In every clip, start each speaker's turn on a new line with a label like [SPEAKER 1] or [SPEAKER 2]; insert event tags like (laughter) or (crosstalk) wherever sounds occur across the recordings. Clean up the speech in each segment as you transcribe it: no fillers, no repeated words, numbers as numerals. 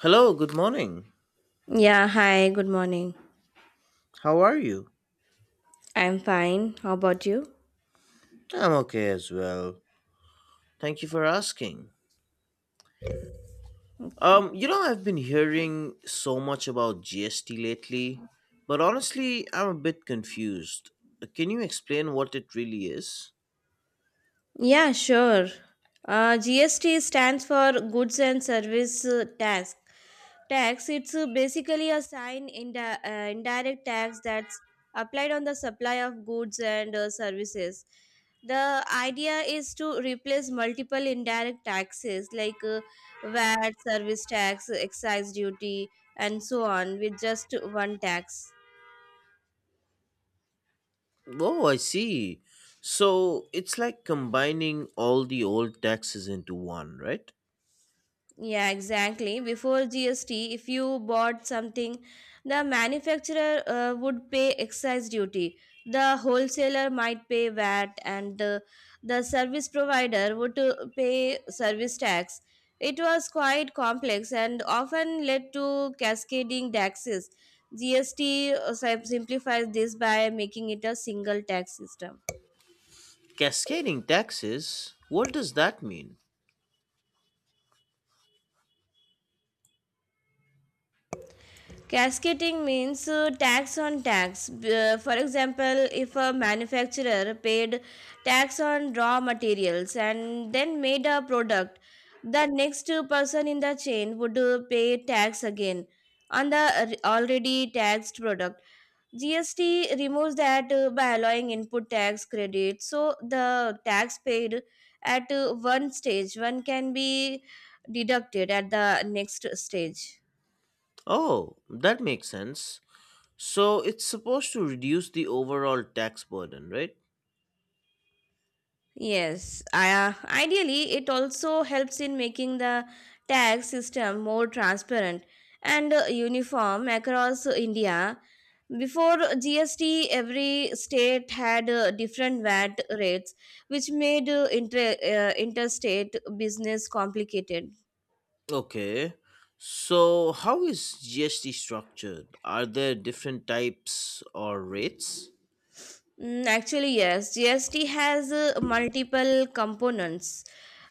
[SPEAKER 1] Hello, good morning.
[SPEAKER 2] Yeah, hi, good morning.
[SPEAKER 1] How are you?
[SPEAKER 2] I'm fine. How about you?
[SPEAKER 1] I'm okay as well. Thank you for asking.
[SPEAKER 2] Okay.
[SPEAKER 1] I've been hearing so much about GST lately, but honestly, I'm a bit confused. Can you explain what it really is?
[SPEAKER 2] Yeah, sure. GST stands for Goods and Service Tax. Tax, it's basically a sign indirect tax that's applied on the supply of goods and services. The idea is to replace multiple indirect taxes like VAT, service tax, excise duty, and so on with just one tax.
[SPEAKER 1] Oh, I see. So it's like combining all the old taxes into one, right?
[SPEAKER 2] Yeah, exactly. Before GST, if you bought something, the manufacturer would pay excise duty. The wholesaler might pay VAT, and the service provider would pay service tax. It was quite complex and often led to cascading taxes. GST simplifies this by making it a single tax system.
[SPEAKER 1] Cascading taxes? What does that mean?
[SPEAKER 2] Cascading means tax on tax. For example, if a manufacturer paid tax on raw materials and then made a product, the next person in the chain would pay tax again on the already taxed product. GST removes that by allowing input tax credit, so the tax paid at one stage one can be deducted at the next stage.
[SPEAKER 1] Oh, that makes sense. So it's supposed to reduce the overall tax burden, right?
[SPEAKER 2] Yes, ideally, it also helps in making the tax system more transparent and uniform across India. Before GST, every state had different VAT rates, which made interstate business complicated.
[SPEAKER 1] Okay. So how is GST structured? Are there different types or rates?
[SPEAKER 2] Mm, actually, yes. GST has multiple components.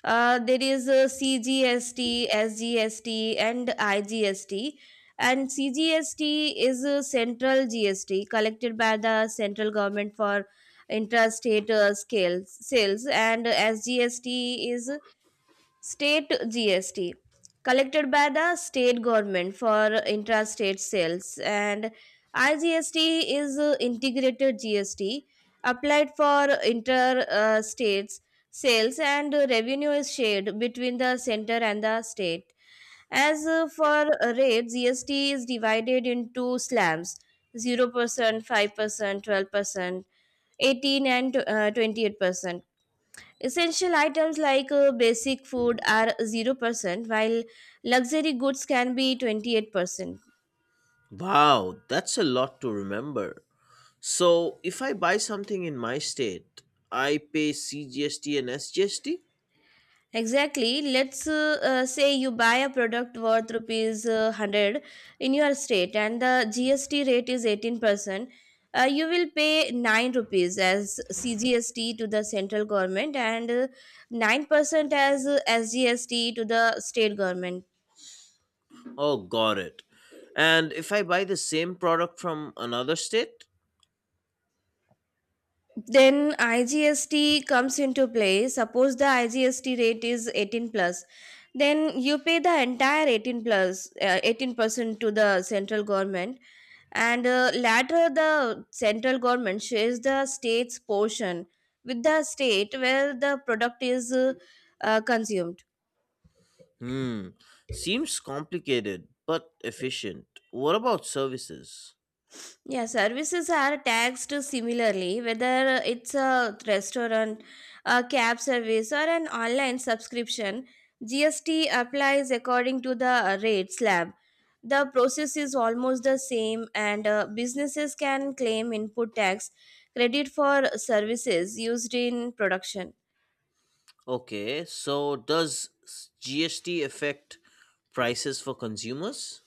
[SPEAKER 2] There is CGST, SGST, and IGST. And CGST is a central GST collected by the central government for interstate scales sales, and SGST is State GST collected by the state government for intrastate sales, and IGST is integrated GST applied for inter states sales, and revenue is shared between the center and the state. As for rates, GST is divided into slabs 0%, 5%, 12%, 18 and 28%. Essential items like basic food are 0%, while luxury goods can be 28%.
[SPEAKER 1] Wow, that's a lot to remember. So if I buy something in my state, I pay CGST and SGST?
[SPEAKER 2] Exactly. Let's say you buy a product worth rupees 100 in your state and the GST rate is 18%. You will pay 9 rupees as CGST to the central government and 9% as SGST to the state government.
[SPEAKER 1] Oh, got it. And if I buy the same product from another state?
[SPEAKER 2] Then IGST comes into play. Suppose the IGST rate is 18 plus, then you pay the entire 18 plus 18% to the central government, and later the central government shares the state's portion with the state where the product is consumed.
[SPEAKER 1] Hmm, seems complicated but efficient. What about services?
[SPEAKER 2] Yeah, services are taxed similarly, whether it's a restaurant, a cab service, or an online subscription. GST applies according to the rate slab. The process is almost the same, and businesses can claim input tax credit for services used in production.
[SPEAKER 1] Okay, so does GST affect prices for consumers?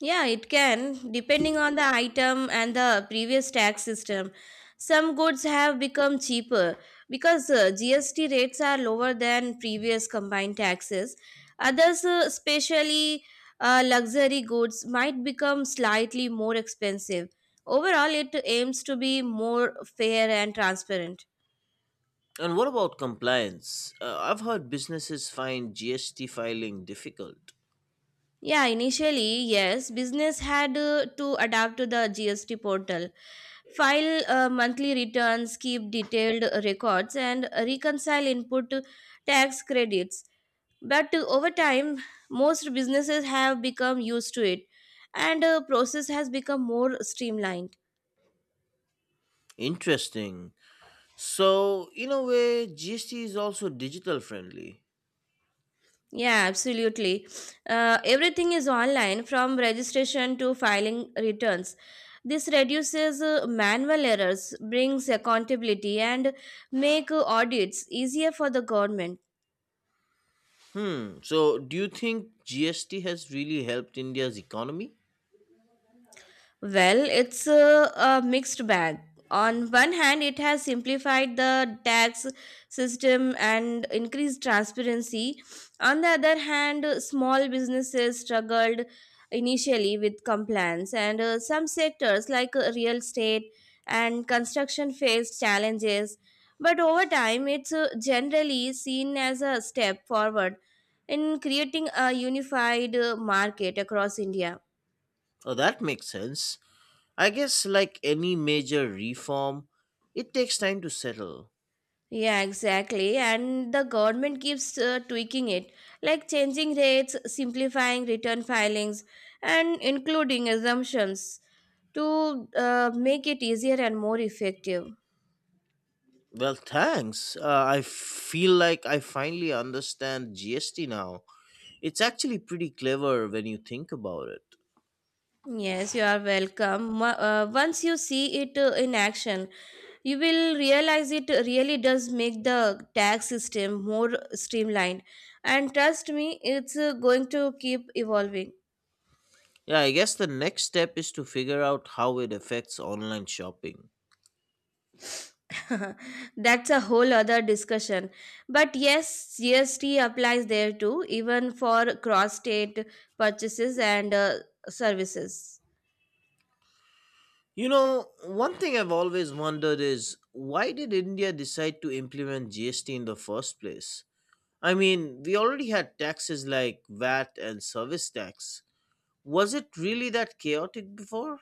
[SPEAKER 2] Yeah, it can, depending on the item and the previous tax system. Some goods have become cheaper because GST rates are lower than previous combined taxes. Others, especially luxury goods, might become slightly more expensive. Overall, it aims to be more fair and transparent.
[SPEAKER 1] And what about compliance? I've heard businesses find GST filing difficult.
[SPEAKER 2] Yeah, initially, yes, business had to adapt to the GST portal, file monthly returns, keep detailed records, and reconcile input tax credits. But over time, most businesses have become used to it, and process has become more streamlined.
[SPEAKER 1] Interesting. So, in a way, GST is also digital friendly.
[SPEAKER 2] Yeah, absolutely. Everything is online, from registration to filing returns. This reduces manual errors, brings accountability, and make audits easier for the government.
[SPEAKER 1] Hmm, so do you think GST has really helped India's economy?
[SPEAKER 2] Well, it's a mixed bag. On one hand, it has simplified the tax system and increased transparency. On the other hand, small businesses struggled initially with compliance, and some sectors like real estate and construction faced challenges. But over time, it's generally seen as a step forward in creating a unified market across India.
[SPEAKER 1] Oh, that makes sense. I guess, like any major reform, it takes time to settle.
[SPEAKER 2] Yeah, exactly. And the government keeps tweaking it, like changing rates, simplifying return filings, and including assumptions to make it easier and more effective.
[SPEAKER 1] Well, thanks. I feel like I finally understand GST now. It's actually pretty clever when you think about it.
[SPEAKER 2] Yes, you are welcome. Once you see it in action, you will realize it really does make the tax system more streamlined. And trust me, it's going to keep evolving.
[SPEAKER 1] Yeah, I guess the next step is to figure out how it affects online shopping.
[SPEAKER 2] (laughs) That's a whole other discussion. But yes, GST applies there too, even for cross state purchases and services.
[SPEAKER 1] One thing I've always wondered is why did India decide to implement GST in the first place? I mean, we already had taxes like VAT and service tax. Was it really that chaotic before?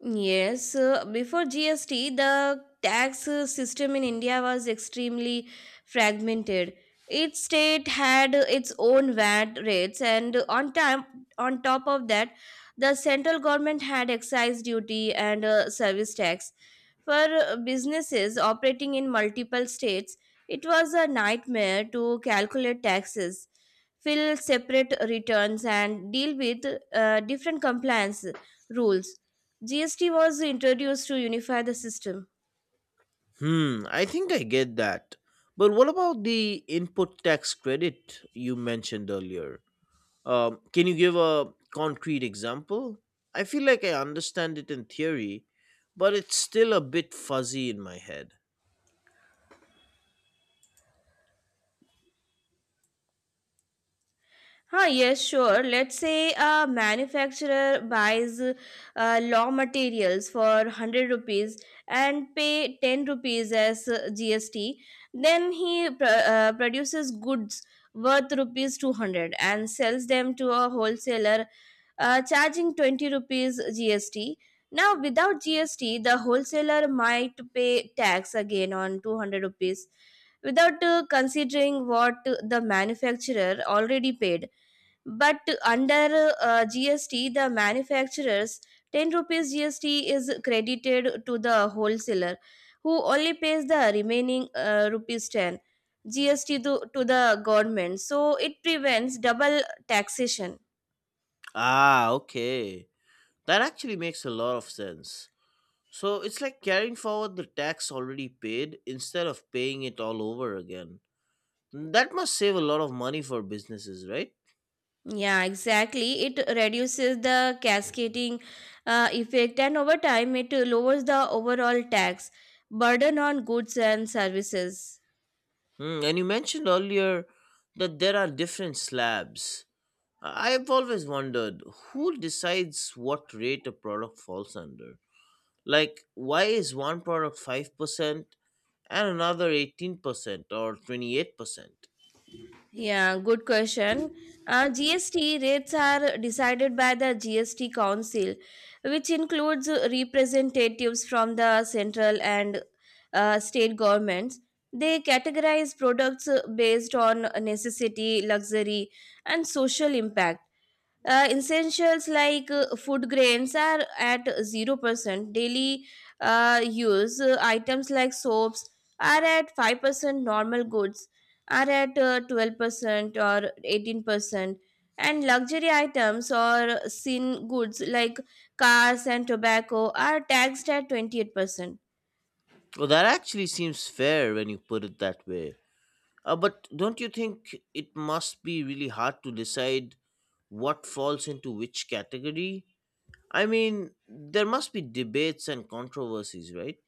[SPEAKER 2] Yes, before GST, the tax system in India was extremely fragmented. Each state had its own VAT rates, and on top of that, the central government had excise duty and service tax. For businesses operating in multiple states, it was a nightmare to calculate taxes, fill separate returns, and deal with different compliance rules. GST was introduced to unify the system.
[SPEAKER 1] Hmm, I think I get that. But what about the input tax credit you mentioned earlier? Can you give a concrete example? I feel like I understand it in theory, but it's still a bit fuzzy in my head.
[SPEAKER 2] Huh, yes, sure. Let's say a manufacturer buys law materials for 100 rupees and pay 10 rupees as GST. Then he produces goods worth rupees 200 and sells them to a wholesaler, charging 20 rupees GST. Now, without GST, the wholesaler might pay tax again on 200 rupees without considering what the manufacturer already paid. But under GST, the manufacturer's 10 rupees GST is credited to the wholesaler, who only pays the remaining rupees 10 GST to the government. So it prevents double taxation.
[SPEAKER 1] Ah, okay. That actually makes a lot of sense. So it's like carrying forward the tax already paid instead of paying it all over again. That must save a lot of money for businesses, right?
[SPEAKER 2] Yeah, exactly. It reduces the cascading effect, and over time, it lowers the overall tax burden on goods and services.
[SPEAKER 1] And you mentioned earlier that there are different slabs. I have always wondered who decides what rate a product falls under. Like, why is one product 5% and another 18% or 28%?
[SPEAKER 2] Yeah, good question. GST rates are decided by the GST Council, which includes representatives from the central and state governments. They categorize products based on necessity, luxury, and social impact. Essentials like food grains are at 0%. Daily use items like soaps are at 5%. Normal goods are at 12% or 18%. And luxury items or sin goods like cars and tobacco are taxed at 28%.
[SPEAKER 1] Well, that actually seems fair when you put it that way. But don't you think it must be really hard to decide what falls into which category? I mean, there must be debates and controversies, right?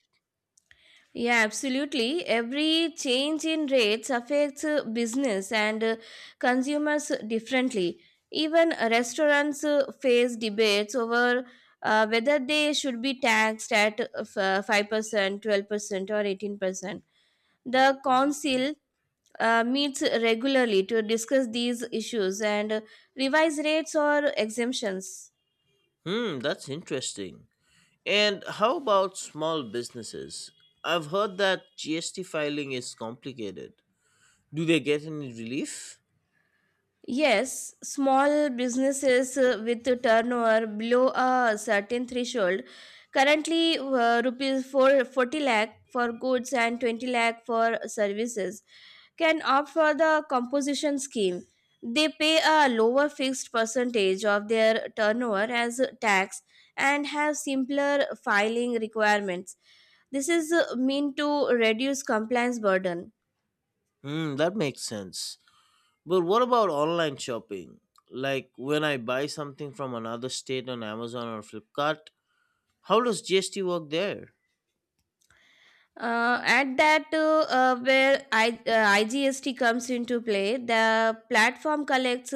[SPEAKER 2] Yeah, absolutely. Every change in rates affects business and consumers differently. Even restaurants face debates over whether they should be taxed at 5%, 12%, or 18%. The council meets regularly to discuss these issues and revise rates or exemptions.
[SPEAKER 1] Hmm, that's interesting. And how about small businesses? I've heard that GST filing is complicated. Do they get any relief?
[SPEAKER 2] Yes, small businesses with a turnover below a certain threshold, currently rupees 4, 40 lakh for goods and 20 lakh for services, can opt for the composition scheme. They pay a lower fixed percentage of their turnover as tax and have simpler filing requirements. This is meant to reduce compliance burden.
[SPEAKER 1] Hmm, that makes sense. But what about online shopping? Like when I buy something from another state on Amazon or Flipkart, how does GST work there?
[SPEAKER 2] At that where I, IGST comes into play. The platform collects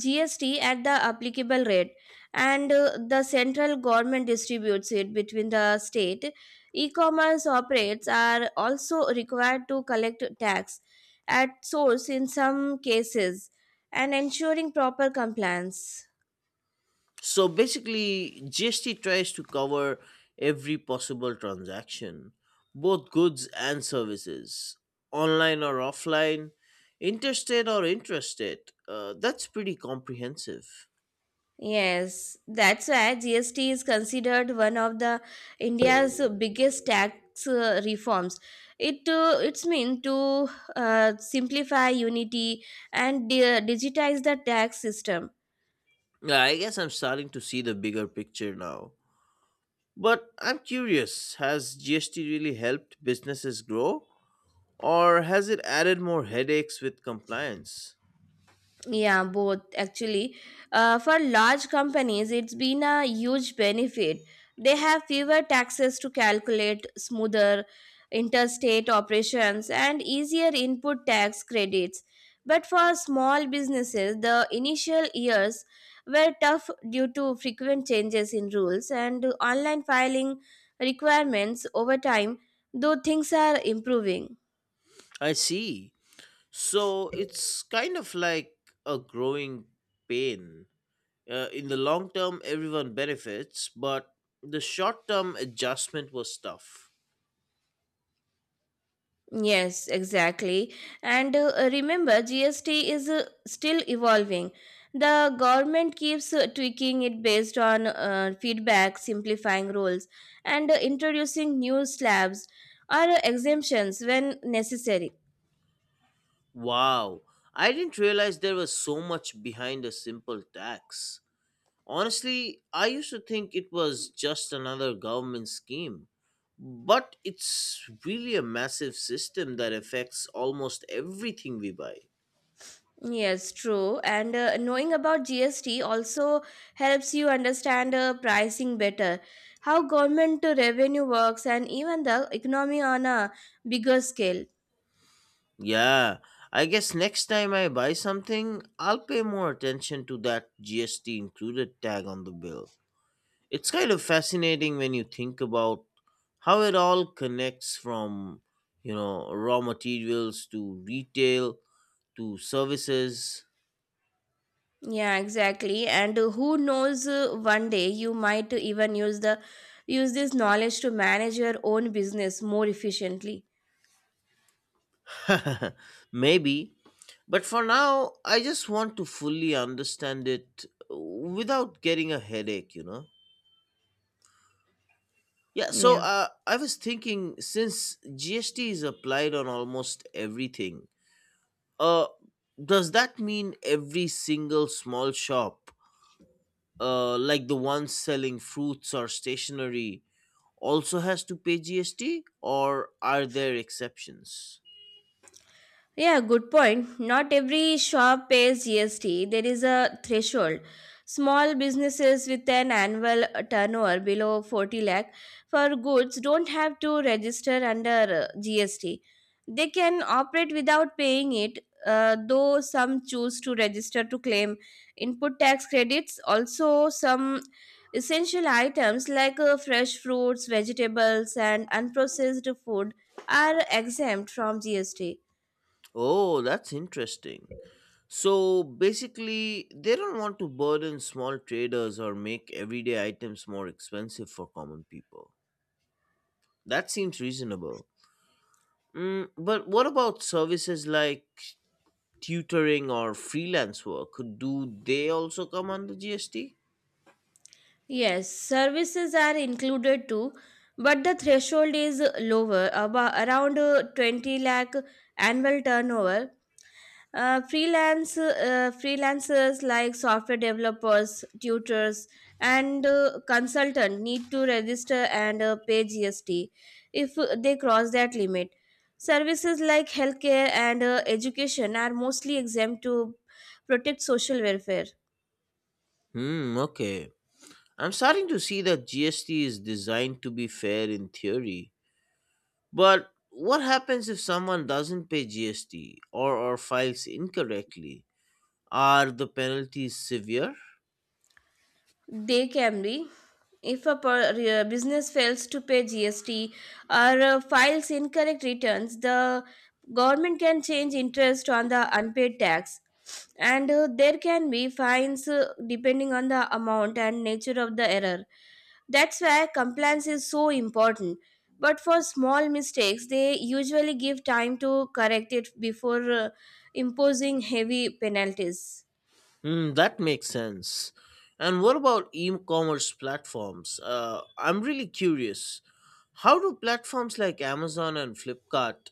[SPEAKER 2] GST at the applicable rate, and the central government distributes it between the state. E-commerce operates are also required to collect tax at source in some cases, and ensuring proper compliance.
[SPEAKER 1] So basically, GST tries to cover every possible transaction, both goods and services, online or offline, interstate or intrastate. That's pretty comprehensive.
[SPEAKER 2] Yes, that's why GST is considered one of the India's biggest tax reforms. It's meant to simplify, unity, and digitize the tax system.
[SPEAKER 1] Yeah, I guess I'm starting to see the bigger picture now. But I'm curious, has GST really helped businesses grow, or has it added more headaches with compliance?
[SPEAKER 2] Yeah, both actually. For large companies, it's been a huge benefit. They have fewer taxes to calculate, smoother interstate operations, and easier input tax credits. But for small businesses, the initial years were tough due to frequent changes in rules and online filing requirements. Over time, though, things are improving.
[SPEAKER 1] I see. So it's kind of like a growing pain. In the long term, everyone benefits, but the short term adjustment was tough.
[SPEAKER 2] Yes, exactly. And remember, GST is still evolving. The government keeps tweaking it based on feedback, simplifying rules, and introducing new slabs or exemptions when necessary.
[SPEAKER 1] Wow, I didn't realize there was so much behind a simple tax. Honestly, I used to think it was just another government scheme. But it's really a massive system that affects almost everything we buy.
[SPEAKER 2] Yes, true. And knowing about GST also helps you understand pricing better, how government revenue works, and even the economy on a bigger scale.
[SPEAKER 1] Yeah, I guess next time I buy something, I'll pay more attention to that GST included tag on the bill. It's kind of fascinating when you think about how it all connects from raw materials to retail to services.
[SPEAKER 2] Yeah, exactly. And who knows, one day you might even use this knowledge to manage your own business more efficiently.
[SPEAKER 1] (laughs) Maybe, but for now, I just want to fully understand it without getting a headache. Yeah, so
[SPEAKER 2] Yeah.
[SPEAKER 1] I was thinking, since GST is applied on almost everything, uh, does that mean every single small shop, like the ones selling fruits or stationery, also has to pay GST, or are there exceptions?
[SPEAKER 2] Yeah, good point. Not every shop pays GST. There is a threshold. Small businesses with an annual turnover below 40 lakh for goods don't have to register under GST. They can operate without paying it, though some choose to register to claim input tax credits. Also, some essential items like fresh fruits, vegetables, and unprocessed food are exempt from GST.
[SPEAKER 1] Oh, that's interesting. So basically, they don't want to burden small traders or make everyday items more expensive for common people. That seems reasonable. But what about services like tutoring or freelance work? Do they also come under GST?
[SPEAKER 2] Yes, services are included too, but the threshold is lower, about around 20 lakh annual turnover. Freelancers like software developers, tutors, and consultant need to register and pay GST if they cross that limit. Services like healthcare and education are mostly exempt to protect social welfare.
[SPEAKER 1] Hmm, okay. I'm starting to see that GST is designed to be fair in theory. But what happens if someone doesn't pay GST or files incorrectly? Are the penalties severe?
[SPEAKER 2] They can be. If a business fails to pay GST or files incorrect returns, the government can change interest on the unpaid tax. And there can be fines depending on the amount and nature of the error. That's why compliance is so important. But for small mistakes, they usually give time to correct it before imposing heavy penalties.
[SPEAKER 1] Hmm, that makes sense. And what about e-commerce platforms? I'm really curious. How do platforms like Amazon and Flipkart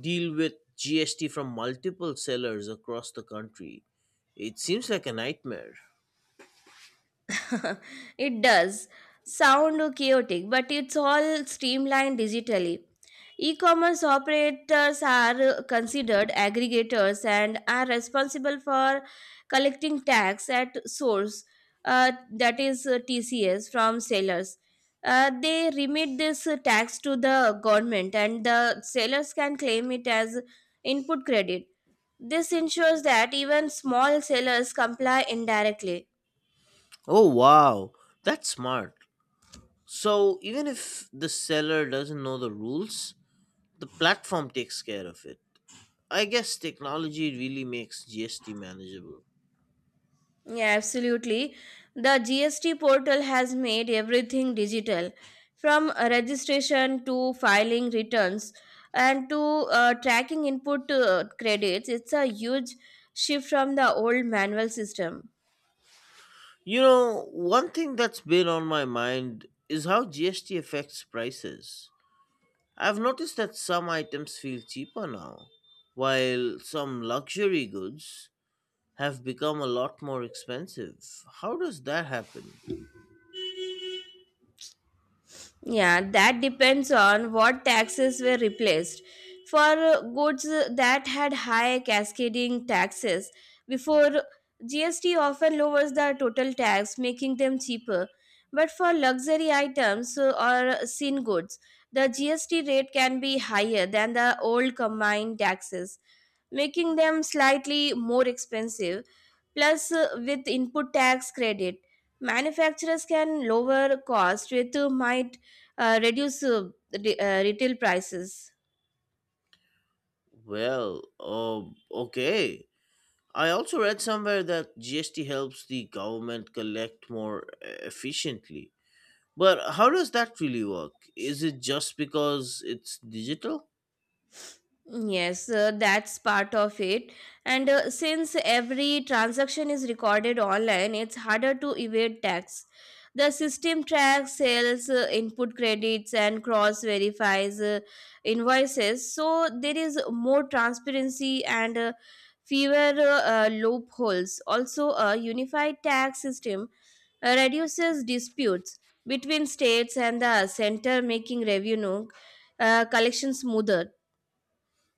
[SPEAKER 1] deal with GST from multiple sellers across the country? It seems like a nightmare.
[SPEAKER 2] (laughs) It does sound chaotic, but it's all streamlined digitally. E-commerce operators are considered aggregators and are responsible for collecting tax at source, that is TCS, from sellers. They remit this tax to the government, and the sellers can claim it as input credit. This ensures that even small sellers comply indirectly.
[SPEAKER 1] Oh, wow. That's smart. So, even if the seller doesn't know the rules, the platform takes care of it. I guess technology really makes GST manageable.
[SPEAKER 2] Yeah, absolutely. The GST portal has made everything digital from registration to filing returns and to tracking input credits. It's a huge shift from the old manual system.
[SPEAKER 1] One thing that's been on my mind is how GST affects prices. I've noticed that some items feel cheaper now, while some luxury goods have become a lot more expensive. How does that happen?
[SPEAKER 2] Yeah, that depends on what taxes were replaced. For goods that had high cascading taxes before, GST often lowers the total tax, making them cheaper. But for luxury items or sin goods, the GST rate can be higher than the old combined taxes, making them slightly more expensive. Plus, with input tax credit, manufacturers can lower cost with might reduce the retail prices.
[SPEAKER 1] Well, okay. I also read somewhere that GST helps the government collect more efficiently. But how does that really work? Is it just because it's digital?
[SPEAKER 2] Yes, that's part of it. And since every transaction is recorded online, it's harder to evade tax. The system tracks sales, input credits, and cross verifies invoices. So there is more transparency and fewer loopholes. Also, a unified tax system reduces disputes between states and the center, making revenue collection smoother.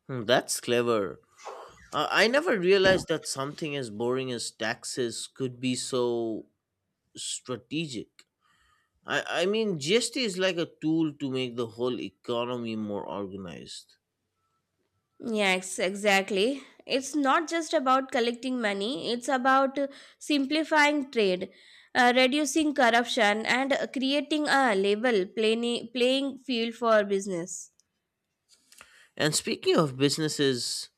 [SPEAKER 1] Hmm, that's clever. I never realized that something as boring as taxes could be so strategic. I mean, GST is like a tool to make the whole economy more organized.
[SPEAKER 2] Yes, exactly. It's not just about collecting money, it's about simplifying trade, reducing corruption, and creating a level playing field for business.
[SPEAKER 1] And speaking of businesses,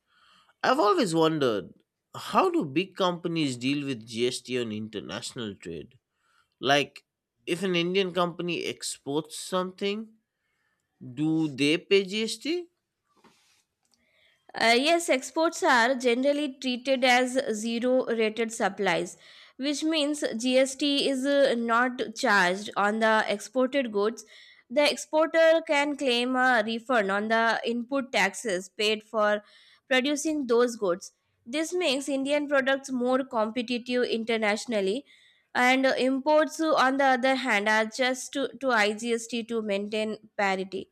[SPEAKER 1] I've always wondered, how do big companies deal with GST on international trade? Like, if an Indian company exports something, do they pay GST?
[SPEAKER 2] Yes, exports are generally treated as zero rated supplies, which means GST is not charged on the exported goods. The exporter can claim a refund on the input taxes paid for producing those goods. This makes Indian products more competitive internationally, and imports, on the other hand, are just to IGST to maintain parity.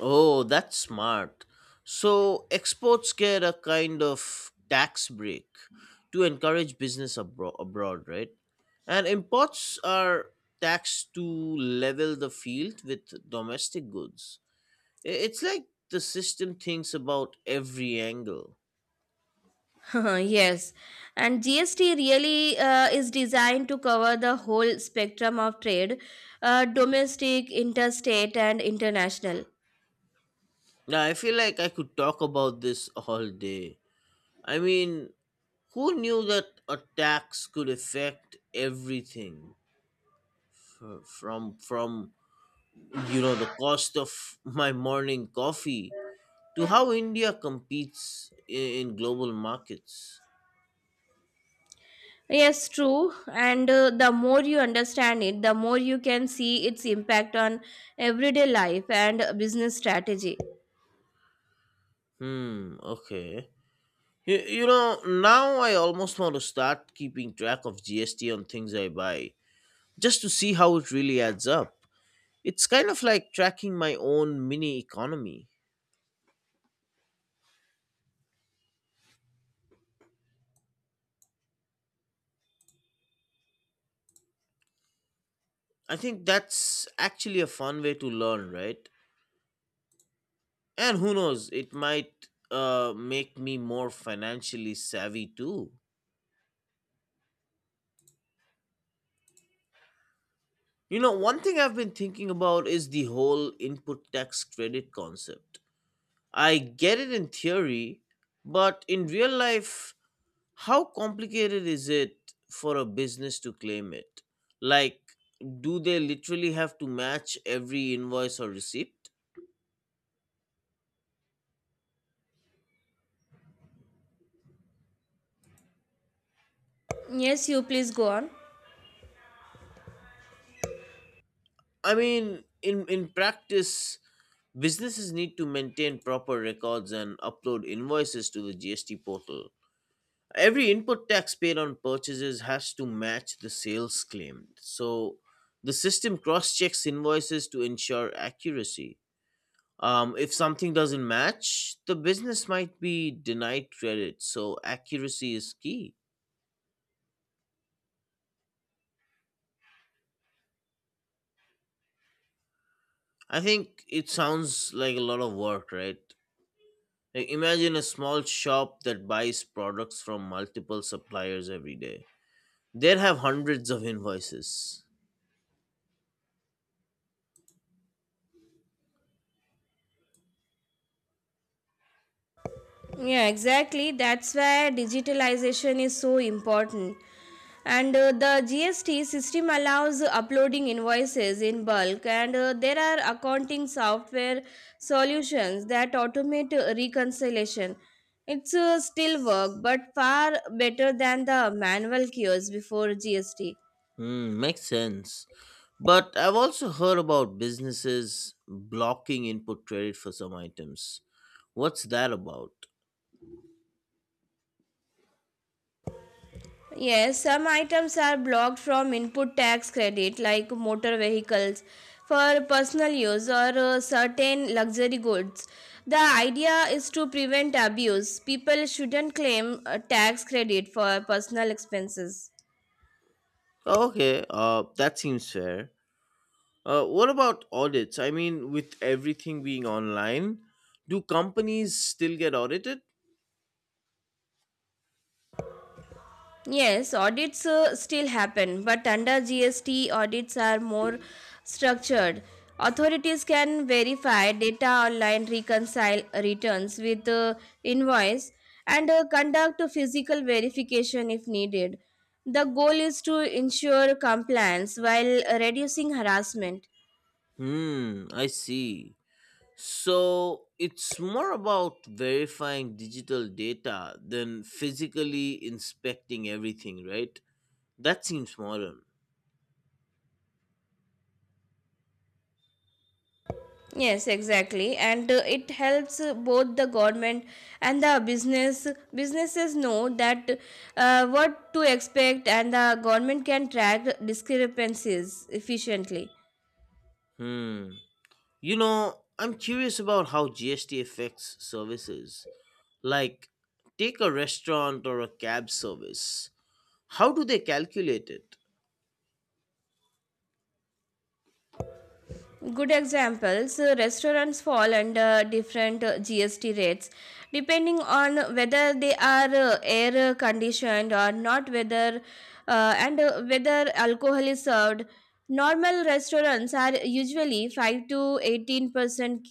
[SPEAKER 1] Oh, that's smart. So exports get a kind of tax break to encourage business abroad, right? And imports are taxed to level the field with domestic goods. It's like the system thinks about every angle.
[SPEAKER 2] (laughs) Yes, and GST really is designed to cover the whole spectrum of trade, domestic, interstate, and international.
[SPEAKER 1] Now, I feel like I could talk about this all day. I mean, who knew that a tax could affect everything from the cost of my morning coffee to how India competes in global markets.
[SPEAKER 2] Yes, true. And the more you understand it, the more you can see its impact on everyday life and business strategy.
[SPEAKER 1] Hmm, okay. Now I almost want to start keeping track of GST on things I buy just to see how it really adds up. It's kind of like tracking my own mini economy. I think that's actually a fun way to learn, right? And who knows, it might, make me more financially savvy too. One thing I've been thinking about is the whole input tax credit concept. I get it in theory, but in real life, how complicated is it for a business to claim it? Like, do they literally have to match every invoice or receipt?
[SPEAKER 2] Yes, you please go on.
[SPEAKER 1] I mean, in practice, businesses need to maintain proper records and upload invoices to the GST portal. Every input tax paid on purchases has to match the sales claimed. So the system cross checks invoices to ensure accuracy. If something doesn't match, the business might be denied credit. So accuracy is key. I think it sounds like a lot of work, right? Like, imagine a small shop that buys products from multiple suppliers every day. They'd have hundreds of invoices.
[SPEAKER 2] Yeah, exactly. That's why digitalization is so important. And the GST system allows uploading invoices in bulk, and there are accounting software solutions that automate reconciliation. It's still work, but far better than the manual queues before GST.
[SPEAKER 1] Hmm, makes sense. But I've also heard about businesses blocking input credit for some items. What's that about?
[SPEAKER 2] Yes, some items are blocked from input tax credit, like motor vehicles, for personal use or certain luxury goods. The idea is to prevent abuse. People shouldn't claim tax credit for personal expenses.
[SPEAKER 1] Okay, that seems fair. What about audits? I mean, with everything being online, do companies still get audited?
[SPEAKER 2] Yes, audits still happen, but under GST, audits are more structured. Authorities can verify data online, reconcile returns with invoice, and conduct a physical verification if needed. The goal is to ensure compliance while reducing harassment.
[SPEAKER 1] Hmm, I see. So it's more about verifying digital data than physically inspecting everything, right? That seems modern.
[SPEAKER 2] Yes, exactly, and it helps both the government and the businesses know that what to expect, and the government can track discrepancies efficiently.
[SPEAKER 1] Hmm. I'm curious about how GST affects services. Like, take a restaurant or a cab service. How do they calculate it?
[SPEAKER 2] Good examples. Restaurants fall under different GST rates depending on whether they are air conditioned or not, whether and whether alcohol is served. Normal restaurants are usually 5 to 18%.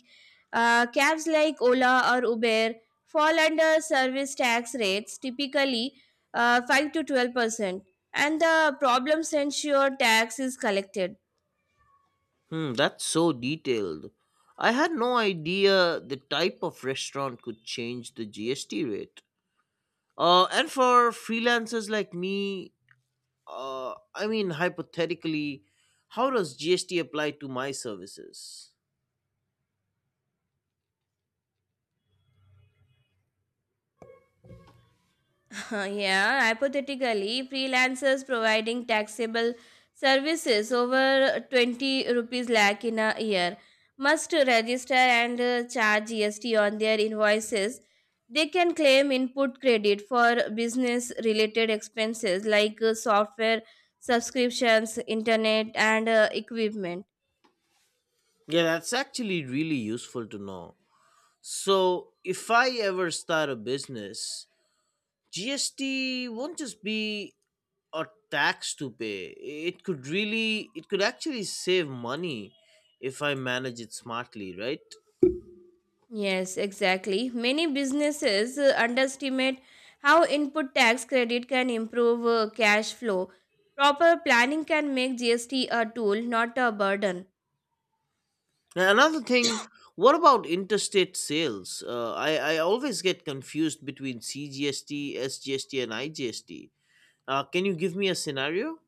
[SPEAKER 2] Cabs like Ola or Uber fall under service tax rates, typically 5 to 12%, and the problems ensure tax is collected.
[SPEAKER 1] Hmm, that's so detailed. I had no idea the type of restaurant could change the GST rate. And for freelancers like me, I mean, hypothetically, how does GST apply to my services?
[SPEAKER 2] (laughs) Yeah, hypothetically, freelancers providing taxable services over 20 rupees lakh in a year must register and charge GST on their invoices. They can claim input credit for business related expenses like software subscriptions, internet, and equipment.
[SPEAKER 1] Yeah, that's actually really useful to know. So, if I ever start a business, GST won't just be a tax to pay. It could actually save money if I manage it smartly, right?
[SPEAKER 2] Yes, exactly. Many businesses underestimate how input tax credit can improve cash flow. Proper planning can make GST a tool, not a burden.
[SPEAKER 1] Now, another thing, what about interstate sales? I always get confused between CGST, SGST, and IGST. Can you give me a scenario?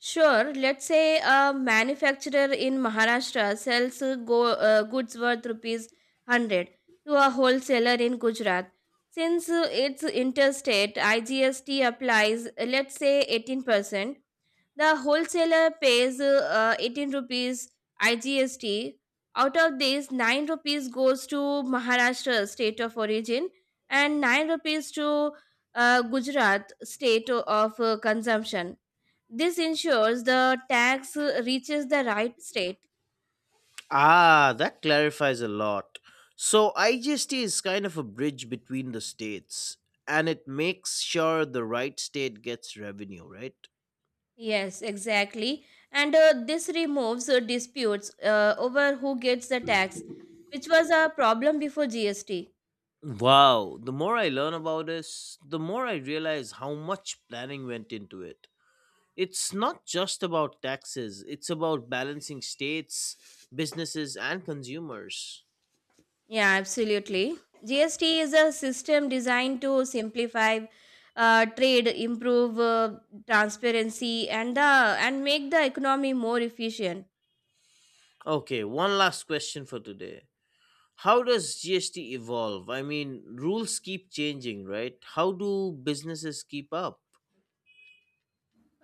[SPEAKER 2] Sure, let's say a manufacturer in Maharashtra sells goods worth rupees 100 to a wholesaler in Gujarat. Since it's interstate, IGST applies, let's say 18%. The wholesaler pays 18 rupees IGST. Out of this, 9 rupees goes to Maharashtra, state of origin, and 9 rupees to Gujarat, state of consumption. This ensures the tax reaches the right state.
[SPEAKER 1] Ah, that clarifies a lot. So, IGST is kind of a bridge between the states, and it makes sure the right state gets revenue, right?
[SPEAKER 2] Yes, exactly. And this removes disputes over who gets the tax, which was a problem before GST.
[SPEAKER 1] Wow, the more I learn about this, the more I realize how much planning went into it. It's not just about taxes, it's about balancing states, businesses, and consumers.
[SPEAKER 2] Yeah, absolutely. GST is a system designed to simplify trade, improve transparency, and make the economy more efficient.
[SPEAKER 1] Okay, one last question for today. How does GST evolve? I mean, rules keep changing, right? How do businesses keep up?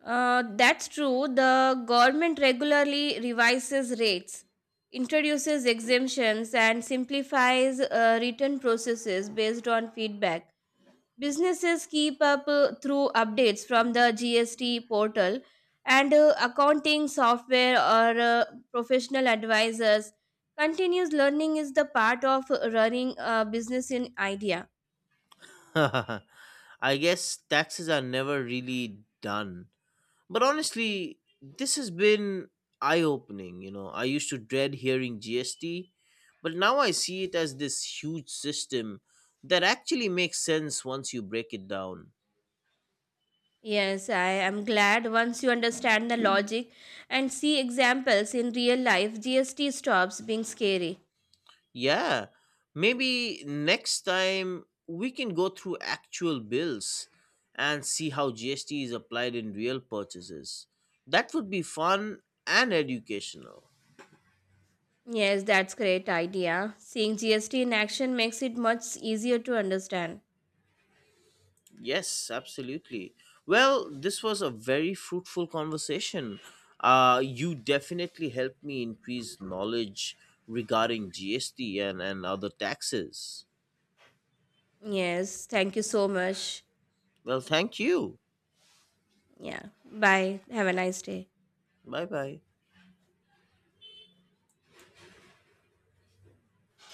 [SPEAKER 2] That's true. The government regularly revises rates, introduces exemptions, and simplifies return processes based on feedback. Businesses keep up through updates from the GST portal and accounting software or professional advisors. Continuous learning is the part of running a business in idea.
[SPEAKER 1] (laughs) I guess taxes are never really done. But honestly, this has been eye opening. I used to dread hearing GST, but now I see it as this huge system that actually makes sense once you break it down.
[SPEAKER 2] Yes, I am glad. Once you understand the logic and see examples in real life, GST stops being scary.
[SPEAKER 1] Yeah, maybe next time we can go through actual bills and see how GST is applied in real purchases. That would be fun and educational.
[SPEAKER 2] Yes, that's great idea. Seeing GST in action makes it much easier to understand.
[SPEAKER 1] Yes, absolutely. Well, this was a very fruitful conversation. You definitely helped me increase knowledge regarding GST and other taxes.
[SPEAKER 2] Yes, thank you so much.
[SPEAKER 1] Well, thank you.
[SPEAKER 2] Yeah. Bye. Have a nice day.
[SPEAKER 1] Bye bye.